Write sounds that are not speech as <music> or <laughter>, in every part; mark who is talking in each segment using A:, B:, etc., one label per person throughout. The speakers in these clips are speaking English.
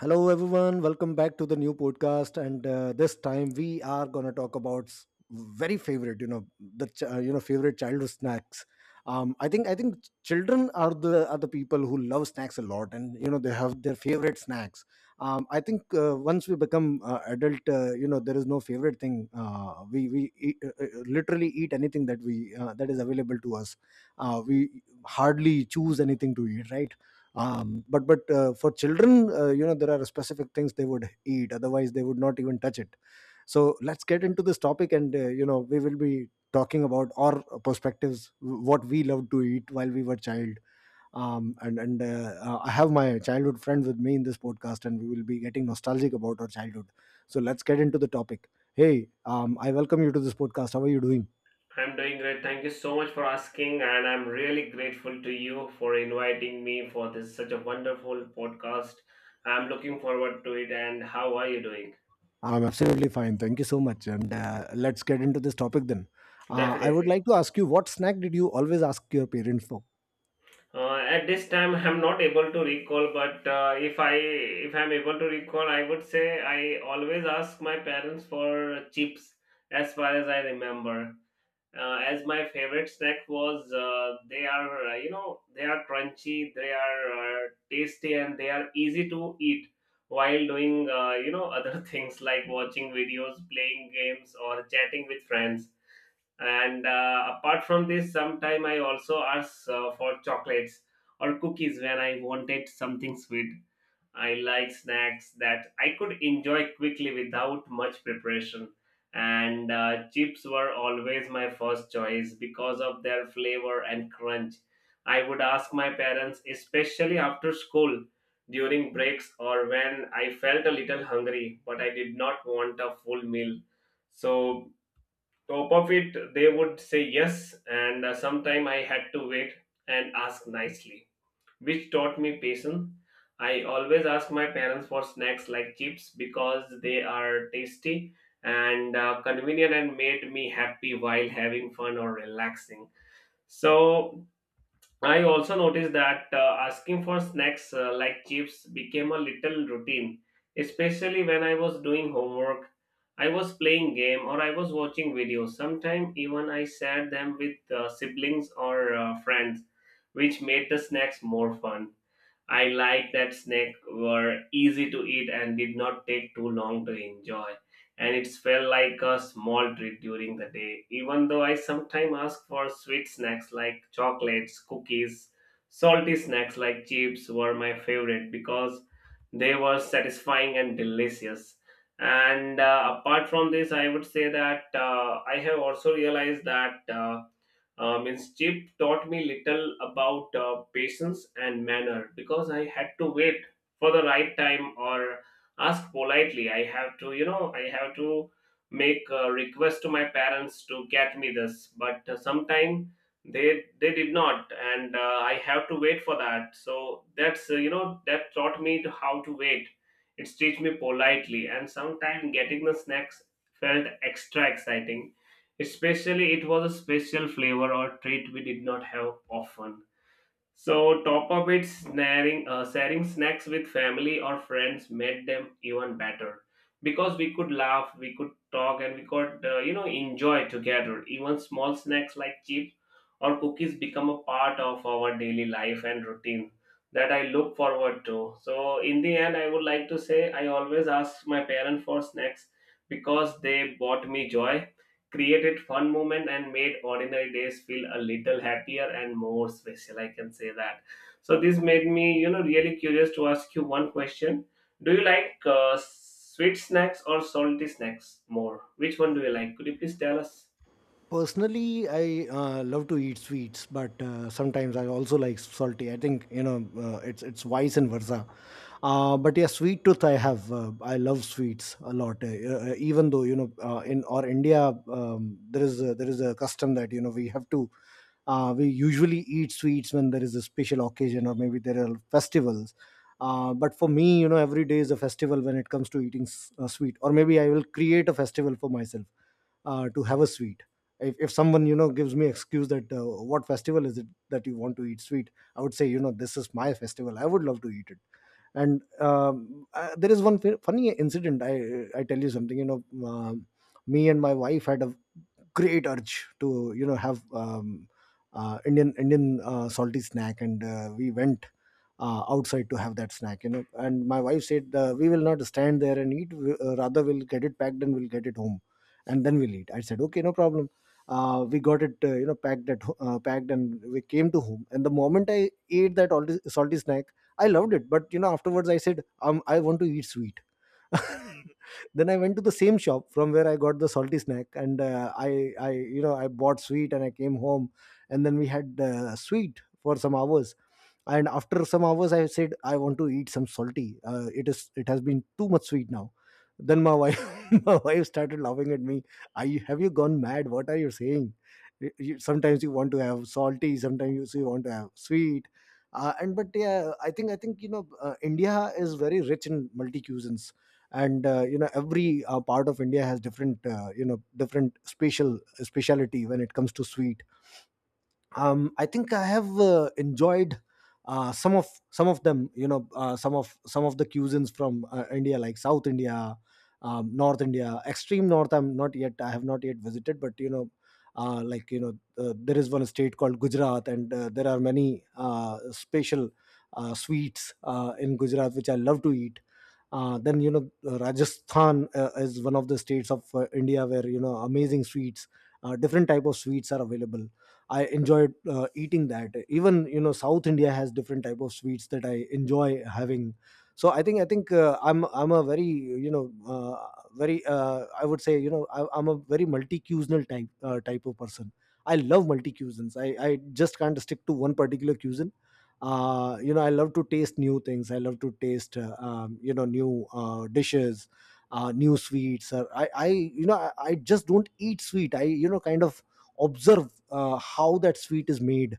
A: Hello, everyone. Welcome back to the new podcast. And This time we are going to talk about very favorite, you know, the ch- you know favorite childhood snacks. I think children are the people who love snacks a lot, and you know they have their favorite snacks. I think once we become adult, you know there is no favorite thing. We eat, literally eat anything that we that is available to us. We hardly choose anything to eat, right? But for children you know there are specific things they would eat, otherwise they would not even touch it. So let's get into this topic, and you know we will be talking about our perspectives, what we loved to eat while we were child. And I have my childhood friend with me in this podcast, and we will be getting nostalgic about our childhood. So let's get into the topic. Hey, I welcome you to this podcast. How are you doing?
B: I'm doing great. Thank you so much for asking, and I'm really grateful to you for inviting me for this such a wonderful podcast. I'm looking forward to it. And how are you doing?
A: I'm absolutely fine. Thank you so much. And Let's get into this topic then. I would
B: Definitely.
A: like to ask you, what snack did you always ask your parents for?
B: At this time, I'm not able to recall, but if I'm able to recall, I would say I always ask my parents for chips as far as I remember. As my favorite snack was they are they are crunchy, they are tasty, and they are easy to eat while doing other <laughs> things like watching videos, playing games, or chatting with friends. And apart from this, sometime I also ask for chocolates or cookies when I wanted something sweet. I like snacks that I could enjoy quickly without much preparation. And Chips were always my first choice because of their flavor and crunch. I would ask my parents, especially after school, during breaks, or when I felt a little hungry, but I did not want a full meal. So, top of it, they would say yes, and sometime I had to wait and ask nicely, which taught me patience. I always ask my parents for snacks like chips because they are tasty and convenient and made me happy while having fun or relaxing. So I also noticed that asking for snacks like chips became a little routine, especially when I was doing homework, I was playing game, or I was watching videos. Sometimes even I shared them with siblings or friends, which made the snacks more fun. I like that snack were easy to eat and did not take too long to enjoy. And it felt like a small treat during the day. Even though I sometimes ask for sweet snacks like chocolates, cookies, salty snacks like chips were my favorite because they were satisfying and delicious. And apart from this, I would say that I have also realized that. Means chip taught me little about patience and manner because I had to wait for the right time or ask politely. I have to, you know, I have to make a request to my parents to get me this, but sometime they did not, and I have to wait for that. So that's you know, that taught me to how to wait. It's teach me politely, and sometimes getting the snacks felt extra exciting. Especially, it was a special flavor or treat we did not have often. So, top of it, snaring, sharing snacks with family or friends made them even better because we could laugh, we could talk, and we could, you know, enjoy together. Even small snacks like chips or cookies become a part of our daily life and routine that I look forward to. So, in the end, I would like to say I always ask my parents for snacks because they bought me joy, created fun moment, and made ordinary days feel a little happier and more special, I can say that. So this made me, you know, really curious to ask you one question. Do you like sweet snacks or salty snacks more? Which one do you like? Could you please tell us?
A: Personally, I love to eat sweets, but sometimes I also like salty. I think you know it's vice and versa. But yeah, sweet tooth I have. I love sweets a lot. Even though you know in our India there is a custom that you know we have to we usually eat sweets when there is a special occasion or maybe there are festivals. But for me, you know, every day is a festival when it comes to eating sweet, or maybe I will create a festival for myself to have a sweet. If someone you know gives me excuse that what festival is it that you want to eat sweet, I would say you know this is my festival, I would love to eat it. And There is one funny incident. I tell you something, me and my wife had a great urge to you know have Indian salty snack, and we went outside to have that snack. You know, and my wife said we will not stand there and eat. Rather, we'll get it packed and we'll get it home, and then we'll eat. I said okay, no problem. We got it, packed, and we came to home. And the moment I ate that salty snack, I loved it. But you know, afterwards, I said, I want to eat sweet. <laughs> Then I went to the same shop from where I got the salty snack, and I bought sweet and I came home, and then we had sweet for some hours. And after some hours I said I want to eat some salty. It has been too much sweet now. Then my wife <laughs> my wife started laughing at me. Are you? Have you gone mad? What are you saying? Sometimes you want to have salty, sometimes you want to have sweet. Uh, and but yeah, I think you know India is very rich in multi cuisines. And you know every part of India has different different special speciality when it comes to sweet. I think I have enjoyed some of them. You know, some of the cuisines from India, like South India, North India, extreme North. I'm not yet. I have not yet visited, but you know, uh, like you know, there is one state called Gujarat, and there are many special sweets in Gujarat which I love to eat. Then you know Rajasthan is one of the states of India where you know amazing sweets, different type of sweets are available. I enjoyed eating that. Even you know, South India has different type of sweets that I enjoy having. So I think I'm a very you know very I would say you know I'm a very multi-cuisinal type of person. I love multi-cuisines. I just can't stick to one particular cuisine. You know, I love to taste new things. I love to taste, you know, new dishes, new sweets. I just don't eat sweet. I, you know, kind of observe how that sweet is made.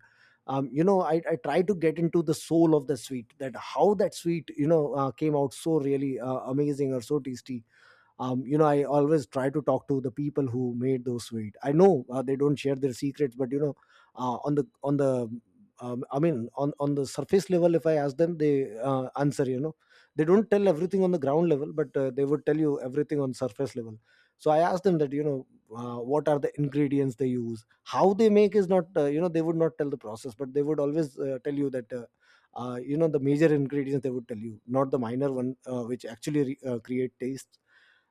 A: You know, I try to get into the soul of the sweet, that how that sweet you know came out so really amazing or so tasty. You know, I always try to talk to the people who made those sweet. I know they don't share their secrets, but you know uh, on the on the on the surface level if I ask them they answer, you know they don't tell everything on the ground level, but they would tell you everything on surface level. So I asked them that you know what are the ingredients they use, how they make is not you know they would not tell the process, but they would always tell you that you know the major ingredients they would tell you, not the minor one which actually create taste.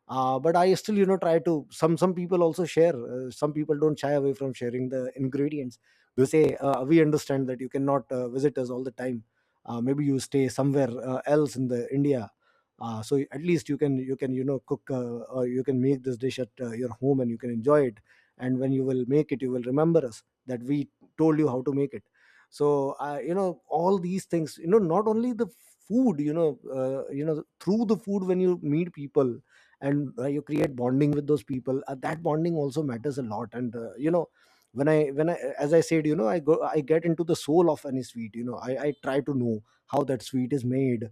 A: But I still you know try to some people also share, some people don't shy away from sharing the ingredients. They say we understand that you cannot visit us all the time, maybe you stay somewhere else in the India, so at least you can you know cook, or you can make this dish at your home and you can enjoy it, and when you will make it you will remember us that we told you how to make it. So you know all these things, you know not only the food, you know through the food when you meet people, and you create bonding with those people, that bonding also matters a lot. And you know, when I as I said, you know I go, I get into the soul of any sweet. You know, I try to know how that sweet is made,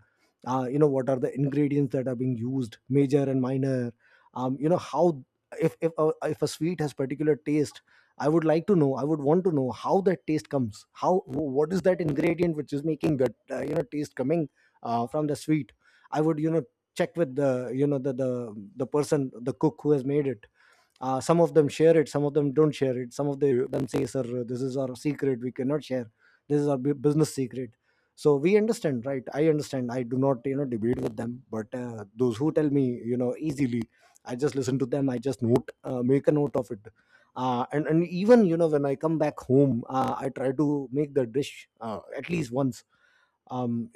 A: you know what are the ingredients that are being used, major and minor. You know how, if if a sweet has particular taste, I would like to know, I would want to know how that taste comes, how, what is that ingredient which is making that you know taste coming from the sweet. I would you know check with the you know the person, the cook who has made it. Some of them share it, some of them don't share it, some of them say sir, this is our secret, we cannot share, this is our business secret. So we understand, right? I understand, I do not you know debate with them, but those who tell me, you know, easily, I just listen to them, I just note, make a note of it. And even you know when I come back home, I try to make the dish at least once. um,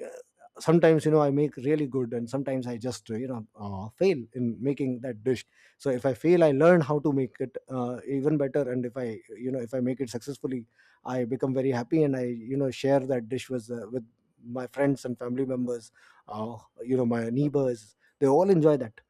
A: Sometimes you know I make really good, and sometimes I just you know fail in making that dish. So if I fail, I learn how to make it even better, and if I you know if I make it successfully, I become very happy, and I you know share that dish with my friends and family members. uh, you know my neighbors, they all enjoy that.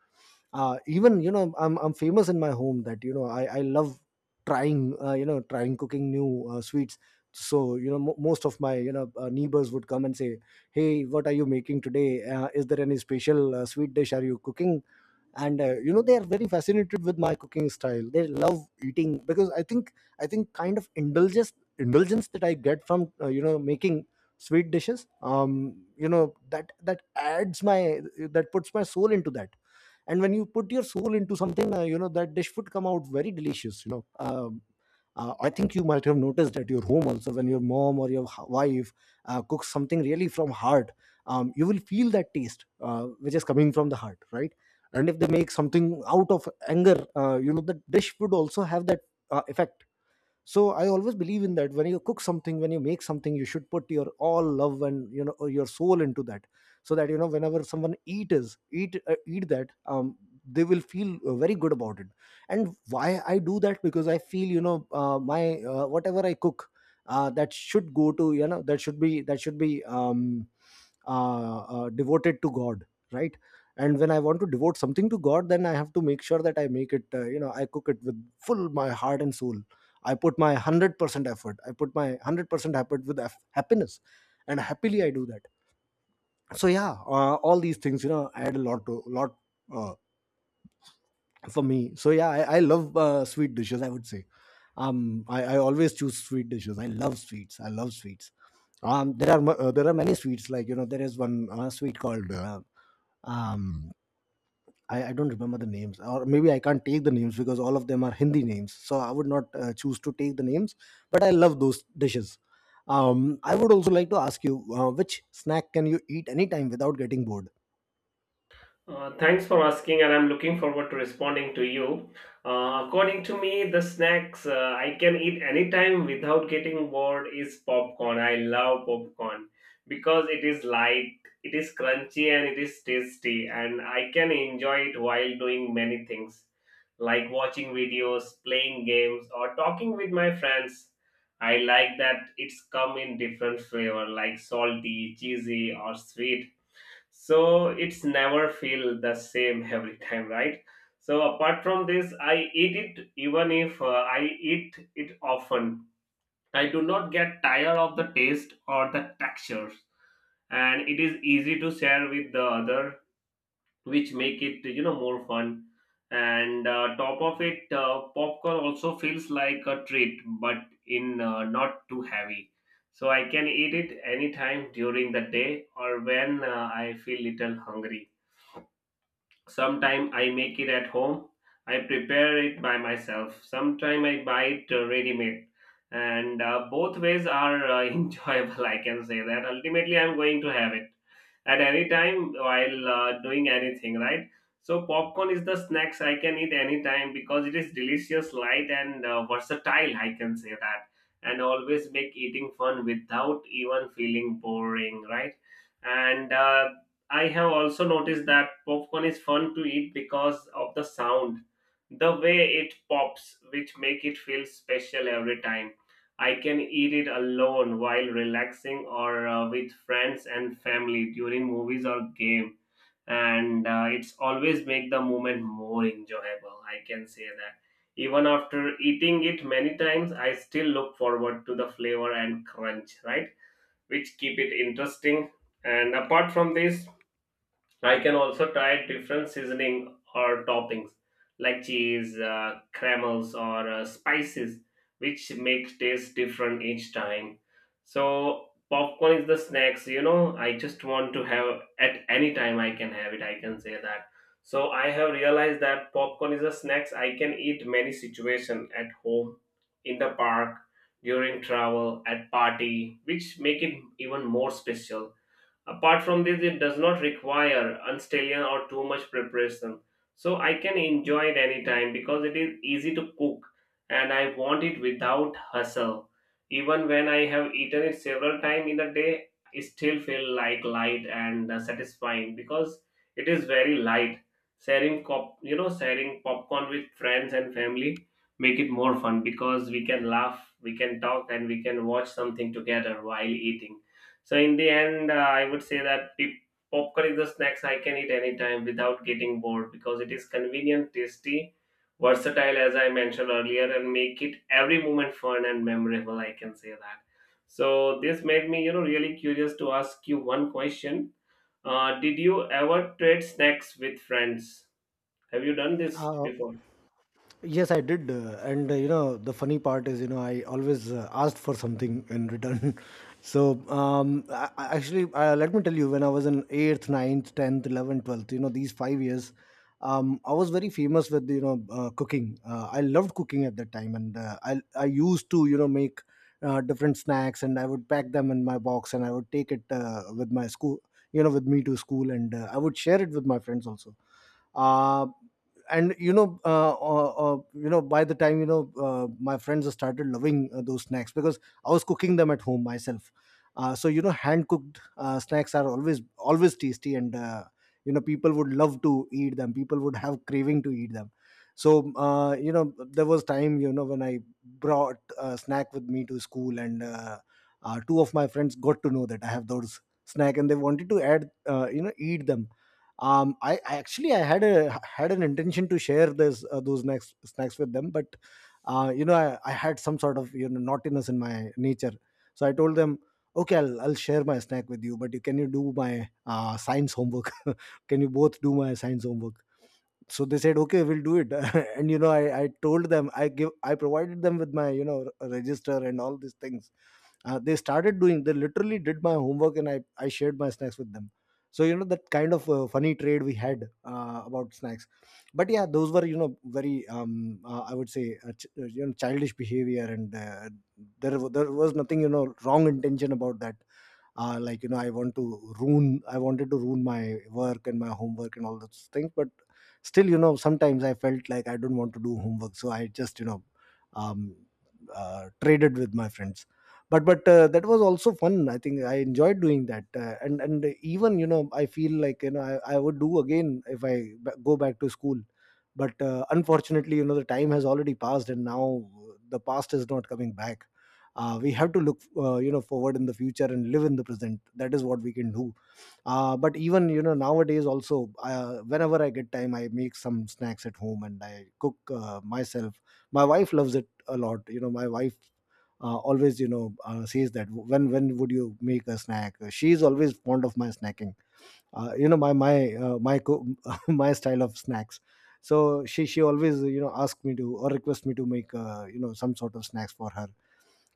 A: Even you know, I'm famous in my home that you know I love trying you know trying cooking new sweets. So you know mo most of my you know neighbors would come and say, hey, what are you making today? Is there any special sweet dish are you cooking? And you know they are very fascinated with my cooking style, they love eating, because I think kind of indulgence, indulgence that I get from you know making sweet dishes, you know that adds my, that puts my soul into that. And when you put your soul into something you know that dish would come out very delicious I think you might have noticed at your home also when your mom or your wife cooks something really from heart. You will feel that taste, which is coming from the heart, right? And if they make something out of anger, the dish would also have that effect. So I always believe in that when you cook something, when you make something, you should put your all love and your soul into that, so that whenever someone eat is eat eat that, they will feel very good about it. And why I do that, because I feel, you know my whatever I cook, that should go to, that should be, that should be devoted to God, right? And when I want to devote something to God, then I have to make sure that I make it, I cook it with full my heart and soul. I put my 100% effort, I put my 100% effort with happiness, and happily I do that. So yeah, all these things, I had a lot to lot uh, for me. So yeah, I love sweet dishes, I would say. I always choose sweet dishes. I love sweets, I love sweets. There are there are many sweets, like, there is one sweet called um I don't remember the names, or maybe I can't take the names because all of them are Hindi names. So I would not choose to take the names, but I love those dishes. I would also like to ask you, which snack can you eat anytime without getting bored?
B: Thanks for asking, and I'm looking forward to responding to you. According to me, the snacks I can eat anytime without getting bored is popcorn. I love popcorn because it is light, it is crunchy, and it is tasty, and I can enjoy it while doing many things like watching videos, playing games, or talking with my friends. I like that it's come in different flavor like salty, cheesy, or sweet, so it's never feel the same every time, right? So apart from this, I eat it even if I eat it often, I do not get tired of the taste or the texture, and it is easy to share with the other, which make it, you know, more fun. And top of it, popcorn also feels like a treat but in not too heavy, so I can eat it anytime during the day or when I feel little hungry. Sometime I make it at home. I prepare it by myself. Sometime I buy it ready-made. And both ways are <laughs> enjoyable, I can say that. Ultimately, I'm going to have it at any time while doing anything, right? So popcorn is the snacks I can eat anytime because it is delicious, light, and versatile, I can say that, and always make eating fun without even feeling boring, right? And I have also noticed that popcorn is fun to eat because of the sound, the way it pops, which make it feel special every time. I can eat it alone while relaxing or with friends and family during movies or game, and it's always make the moment more enjoyable, I can say that. Even after eating it many times, I still look forward to the flavor and crunch, right? Which keep it interesting. And apart from this, I can also try different seasoning or toppings like cheese, caramels, or spices, which make taste different each time. So popcorn is the snacks, you know, I just want to have at any time I can have it. I can say that. So I have realized that popcorn is a snacks I can eat many situation at home, in the park, during travel, at party, which make it even more special. Apart from this, it does not require unstellion or too much preparation. So I can enjoy it anytime because it is easy to cook and I want it without hustle. Even when I have eaten it several times in a day, it still feel like light and satisfying because it is very light. Sharing cop, you know, sharing popcorn with friends and family make it more fun because we can laugh, we can talk, and we can watch something together while eating. So in the end, I would say that popcorn is the snacks I can eat anytime without getting bored because it is convenient, tasty, versatile, as I mentioned earlier, and make it every moment fun and memorable. I can say that. So this made me, you know, really curious to ask you one question. Did you ever trade snacks with friends? Have you done this
A: Uh,
B: before?
A: Yes, I did. The funny part is, I always asked for something in return. <laughs> So, I actually, let me tell you, when I was in eighth, ninth, tenth, eleventh, twelfth, you know, these five years, I was very famous with, cooking. I loved cooking at that time, and I used to, make different snacks, and I would pack them in my box, and I would take it with my school, with me to school, and I would share it with my friends also. Uh, and you know, By the time, my friends started loving those snacks, because I was cooking them at home myself. Hand cooked snacks are always always tasty, and people would love to eat them. People would have craving to eat them. So there was time, when I brought a snack with me to school, and two of my friends got to know that I have those snack, and they wanted to add, eat them. I actually I had a had an intention to share this those next snacks with them, but I had some sort of, naughtiness in my nature. So I told them, okay, I'll share my snack with you, but you, can you do my science homework? <laughs> Can you both do my science homework? So they said, okay, we'll do it. <laughs> And you know I told them, I provided them with my, you know register and all these things. They started doing, they literally did my homework, and I shared my snacks with them. So that kind of funny trade we had about snacks. But yeah, those were, you know very I would say, childish behavior, and there was nothing, wrong intention about that. I want to ruin, I wanted to ruin my work and my homework and all those things, but still, sometimes I felt like I don't want to do homework, so I just, um, traded with my friends. But that was also fun, I think. I enjoyed doing that, and even, I feel like, you know I would do again if I go back to school. But unfortunately, the time has already passed, and now the past is not coming back. We have to look forward in the future and live in the present. That is what we can do. But even, nowadays also, whenever I get time, I make some snacks at home, and I cook, myself. My wife loves it a lot. You know my wife always says that, when would you make a snack? She is always fond of my snacking, my my <laughs> my style of snacks. So she always, asks me to or request me to make, some sort of snacks for her.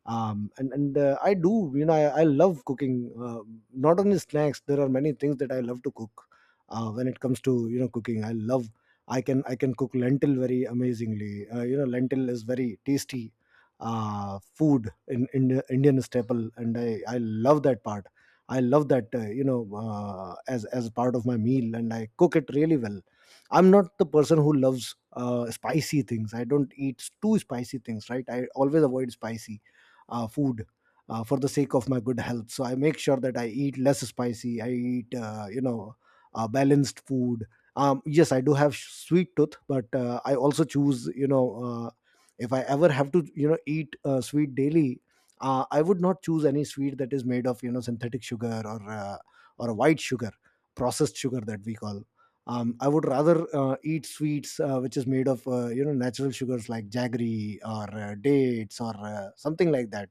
A: And I do, you know I love cooking, not only snacks. There are many things that I love to cook. When it comes to, cooking, I love, I can cook lentil very amazingly. Lentil is very tasty food in Indian staple, and I love that part. I love that, as part of my meal, and I cook it really well. I'm not the person who loves spicy things. I don't eat too spicy things, right? I always avoid spicy food, for the sake of my good health. So I make sure that I eat less spicy. I eat, balanced food. Yes, I do have sweet tooth, but I also choose, if I ever have to, eat sweet daily. I would not choose any sweet that is made of, synthetic sugar or white sugar, processed sugar that we call. I would rather eat sweets which is made of, natural sugars like jaggery or dates or something like that.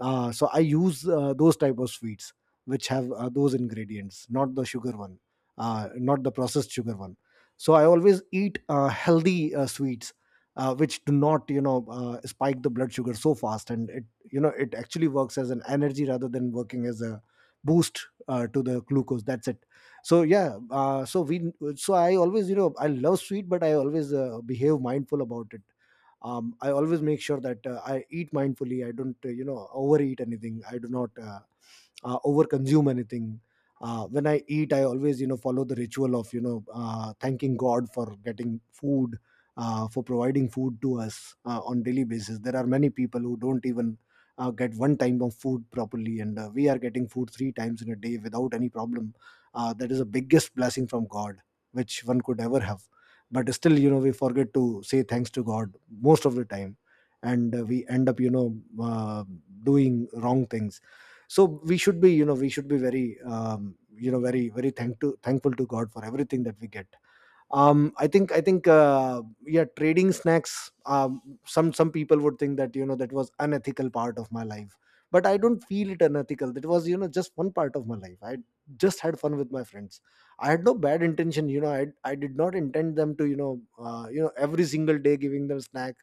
A: So I use those type of sweets which have those ingredients, not the sugar one, not the processed sugar one. So I always eat healthy sweets which do not, spike the blood sugar so fast, and it, it actually works as an energy rather than working as a boost to the glucose, that's it. So yeah, so we so I always, I love sweet, but I always behave mindful about it. I always make sure that I eat mindfully. I don't overeat anything. I do not overconsume anything. When I eat, I always, follow the ritual of, thanking God for getting food, for providing food to us on daily basis. There are many people who don't even get one time of food properly, and we are getting food three times in a day without any problem. That is the biggest blessing from God, which one could ever have. But still, we forget to say thanks to God most of the time, and we end up, uh, doing wrong things. So we should be, we should be very, very very thankful to God for everything that we get. I think yeah, trading snacks, some people would think that, that was unethical part of my life, but I don't feel it unethical. That was, just one part of my life. I just had fun with my friends. I had no bad intention. You know, I did not intend them to, every single day giving them snack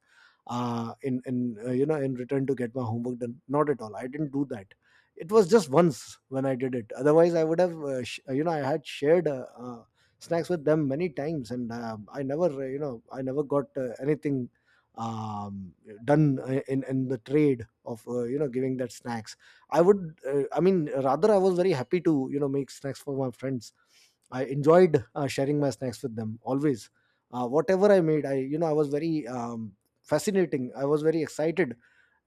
A: in in return to get my homework done. Not at all, I didn't do that. It was just once when I did it. Otherwise, I would have I had shared snacks with them many times, and I never, I never got anything, um, done in the trade of, giving that snacks. I would, rather I was very happy to make snacks for my friends. I enjoyed sharing my snacks with them always. Whatever I made, I you know I was very fascinating. I was very excited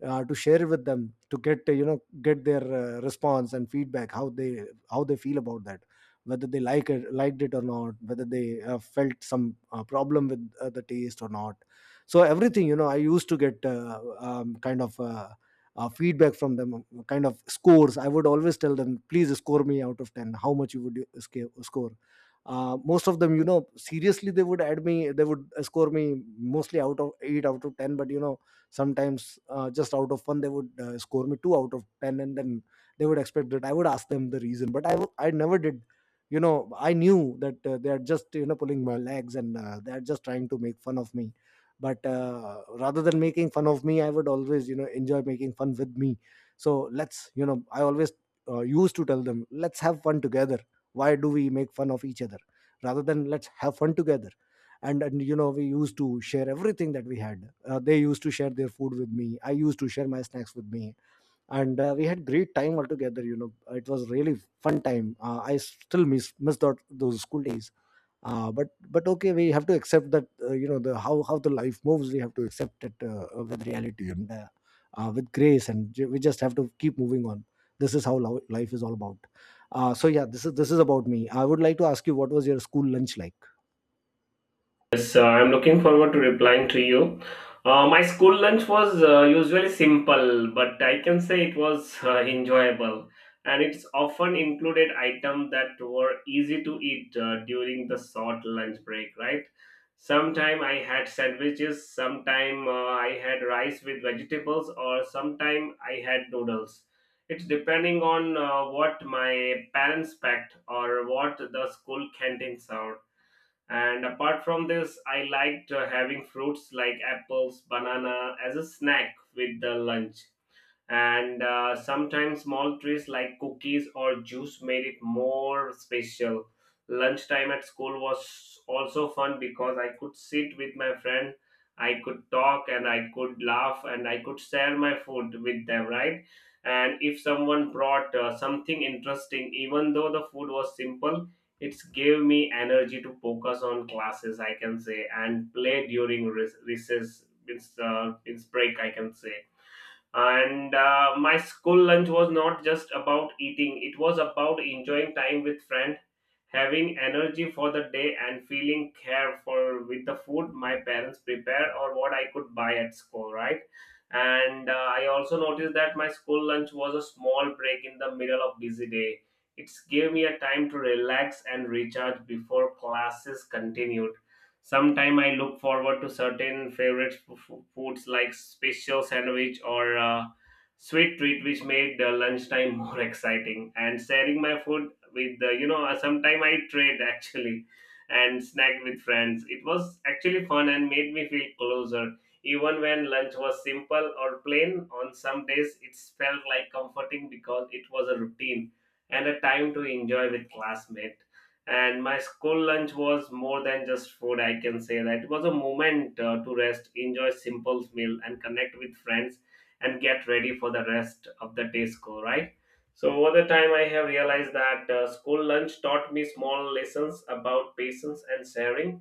A: to share it with them, to get get their response and feedback, how they feel about that, whether they liked it or not, whether they felt some problem with the taste or not. So everything, I used to get kind of feedback from them, kind of scores. I would always tell them, please score me out of 10, how much you would you sca- score. Most of them, seriously, they would add me, they would score me mostly out of 8 out of 10, but sometimes, just out of fun, they would score me 2 out of 10. And then they would expect that I would ask them the reason, but I never did. I knew that they are just pulling my legs, and they are just trying to make fun of me. But rather than making fun of me, I would always enjoy making fun with me. So let's you know I always used to tell them, let's have fun together. Why do we make fun of each other? Rather, than let's have fun together. And we used to share everything that we had. They used to share their food with me, I used to share my snacks with me. And we had great time altogether, it was really fun time. I still miss that, those school days. But okay, we have to accept that, the how the life moves, we have to accept it with reality and with grace. And we just have to keep moving on. This is how life is all about. So yeah, this is about me. I would like to ask you, what was your school lunch like?
B: Yes, I'm looking forward to replying to you. My school lunch was usually simple, but I can say it was enjoyable. And it's often included items that were easy to eat during the short lunch break, right? Sometime I had sandwiches, sometime I had rice with vegetables, or sometime I had noodles. It's depending on what my parents packed or what the school canteen served. And apart from this, I liked having fruits like apples, banana as a snack with the lunch, and sometimes small treats like cookies or juice made it more special. Lunchtime at school was also fun because I could sit with my friend, I could talk, and I could laugh, and I could share my food with them, right? And if someone brought something interesting, even though the food was simple, it gave me energy to focus on classes, I can say, and play during recess, means, means break, I can say. And my school lunch was not just about eating, it was about enjoying time with friends, having energy for the day, and feeling care for with the food my parents prepared or what I could buy at school, right? and I also noticed that my school lunch was a small break in the middle of busy day. It gave me a time to relax and recharge before classes continued. Sometime I look forward to certain favorite foods like special sandwich or sweet treat, which made the lunchtime <laughs> more exciting. And sharing my food with the, you know, sometime I trade actually and snack with friends. It was actually fun and made me feel closer. Even when lunch was simple or plain, on some days it felt like comforting because it was a routine and a time to enjoy with classmates. And my school lunch was more than just food, I can say that. It was a moment to rest, enjoy simple meal, and connect with friends, and get ready for the rest of the day school, right? So over the time, I have realized that school lunch taught me small lessons about patience and sharing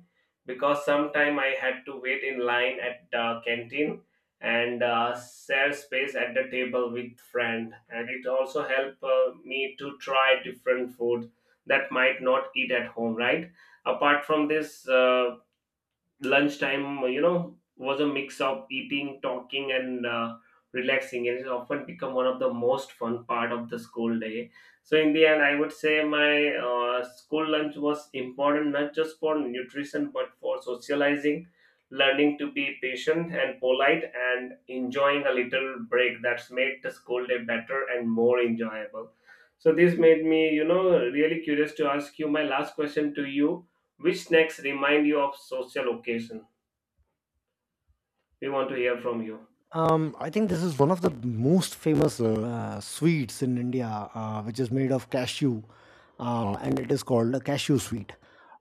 B: because sometime I had to wait in line at the canteen and share space at the table with friend, and it also helped me to try different food that might not eat at home, right? Apart from this, lunchtime, you know, was a mix of eating, talking, and relaxing. It has often become one of the most fun part of the school day. So in the end, I would say my school lunch was important not just for nutrition but for socializing, learning to be patient and polite, and enjoying a little break that's made the school day better and more enjoyable. So this made me, you know, really curious to ask you my last question to you. Which snacks remind you of social occasion? We want to hear from you.
A: I think this is one of the most famous sweets in India, which is made of cashew, and it is called a cashew sweet.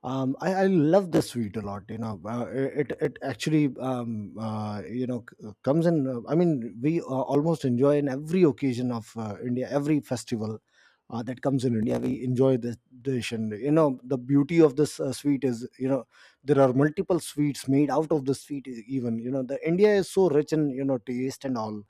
A: I love this sweet a lot. You know, it actually, comes in. We almost enjoy in every occasion of India, every festival. That comes in India, we enjoy this dish. And you know, the beauty of this sweet is, there are multiple sweets made out of the sweet. E- even you know, the India is so rich in, you know, taste and all.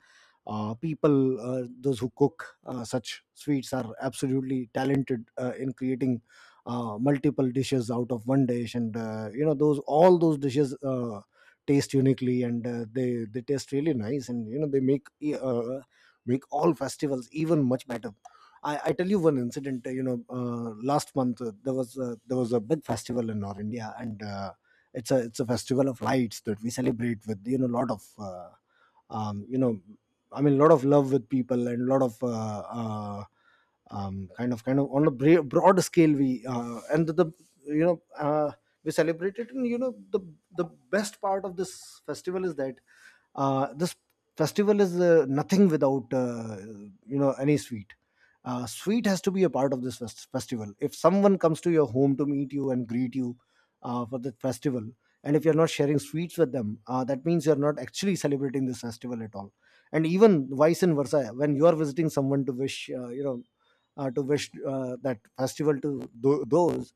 A: People, those who cook such sweets, are absolutely talented in creating multiple dishes out of one dish. And you know, those all those dishes taste uniquely, and they taste really nice. And you know, they make all festivals even much better. I tell you one incident. You know, last month, there was a big festival in our India. And it's a festival of lights that we celebrate with, you know, a lot of um, you know a lot of love with people, and a lot of uh, kind of, on a broad scale we and the you know we celebrate it. And you know, the best part of this festival is that, this festival is nothing without, any sweet. Sweet has to be a part of this festival. If someone comes to your home to meet you and greet you for the festival, and if you're not sharing sweets with them, that means you're not actually celebrating this festival at all. And even vice and versa, when you are visiting someone to wish, to wish that festival to those,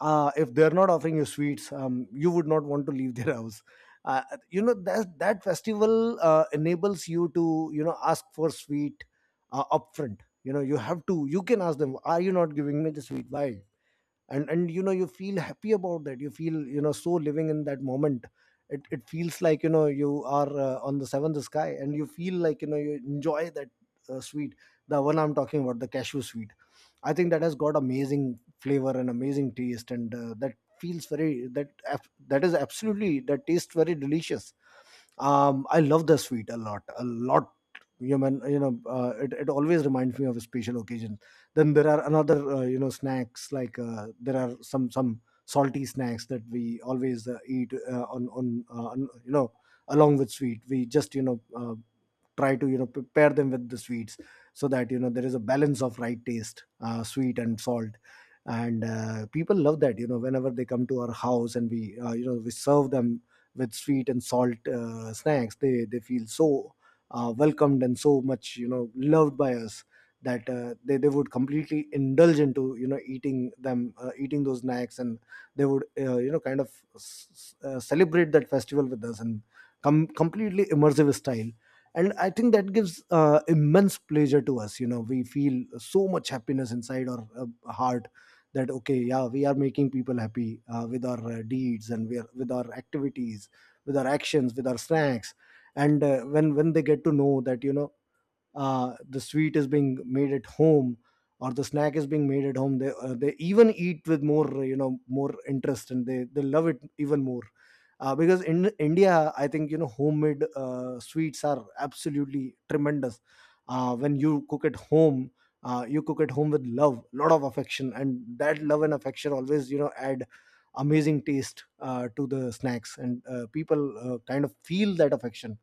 A: if they're not offering you sweets, you would not want to leave their house. Uh, you know that that festival enables you to, you know, ask for sweet upfront. You know, you have to. You can ask them, "Are you not giving me the sweet? Why?" And you know, you feel happy about that. You feel, you know, so living in that moment, it feels like, you know, you are on the seventh sky, and you feel like, you know, you enjoy that sweet, the one I'm talking about, the cashew sweet. I think that has got amazing flavor and amazing taste. And that feels very, that is absolutely, that tastes very delicious. I love the sweet a lot, a lot. You know, it always reminds me of a special occasion. Then there are another, snacks, like, there are some salty snacks that we always eat on you know, along with sweet. We just, try to, you know, pair them with the sweets, so that, you know, there is a balance of right taste, sweet and salt. And people love that. You know, whenever they come to our house and we, we serve them with sweet and salt snacks, they feel so welcomed and so much, you know, loved by us, that they would completely indulge into, you know, eating them, eating those snacks. And they would, kind of, celebrate that festival with us and come completely immersive style. And I think that gives immense pleasure to us. You know, we feel so much happiness inside our heart, that okay, yeah, we are making people happy with our deeds. And we are, with our activities, with our actions, with our snacks. And when they get to know that, you know, the sweet is being made at home, or the snack is being made at home, they even eat with more, you know, more interest, and they love it even more. Because in India, I think, you know, homemade sweets are absolutely tremendous. When you cook at home, you cook at home with love, lot of affection. And that love and affection always, you know, add amazing taste to the snacks. And people kind of feel that affection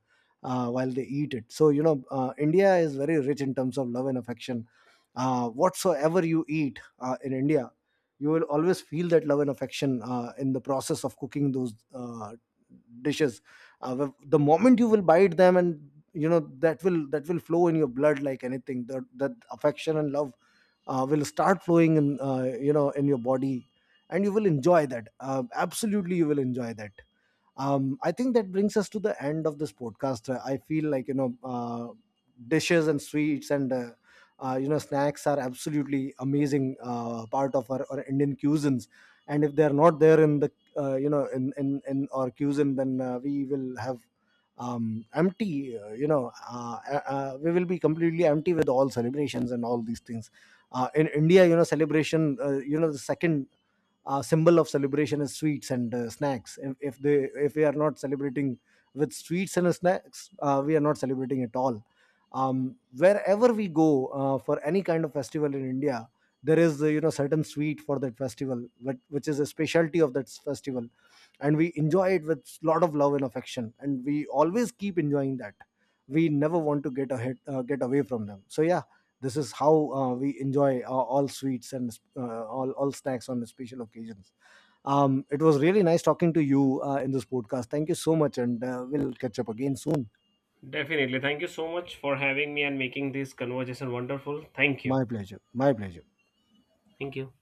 A: while they eat it. So you know, India is very rich in terms of love and affection. Whatsoever you eat in India, you will always feel that love and affection in the process of cooking those dishes. The moment you will bite them, and you know, that will flow in your blood like anything. That affection and love will start flowing in, in your body, and you will enjoy that. Absolutely, you will enjoy that. I think that brings us to the end of this podcast. I feel like, dishes and sweets, and snacks are absolutely amazing part of our Indian cuisines. And if they're not there in the, in, in our cuisine, then we will have, um empty, we will be completely empty with all celebrations and all these things. In India, you know, celebration, the second symbol of celebration is sweets and snacks. If we are not celebrating with sweets and snacks, we are not celebrating at all. Wherever we go for any kind of festival in India, there is you know, certain sweet for that festival, which is a specialty of that festival. And we enjoy it with lot of love and affection, and we always keep enjoying that. We never want to get ahead, get away from them. So yeah, this is how we enjoy all sweets and all snacks on special occasions. It was really nice talking to you in this podcast. Thank you so much, and we'll catch up again soon.
B: Definitely. Thank you so much for having me and making this conversation wonderful. Thank you.
A: My pleasure. My pleasure.
B: Thank you.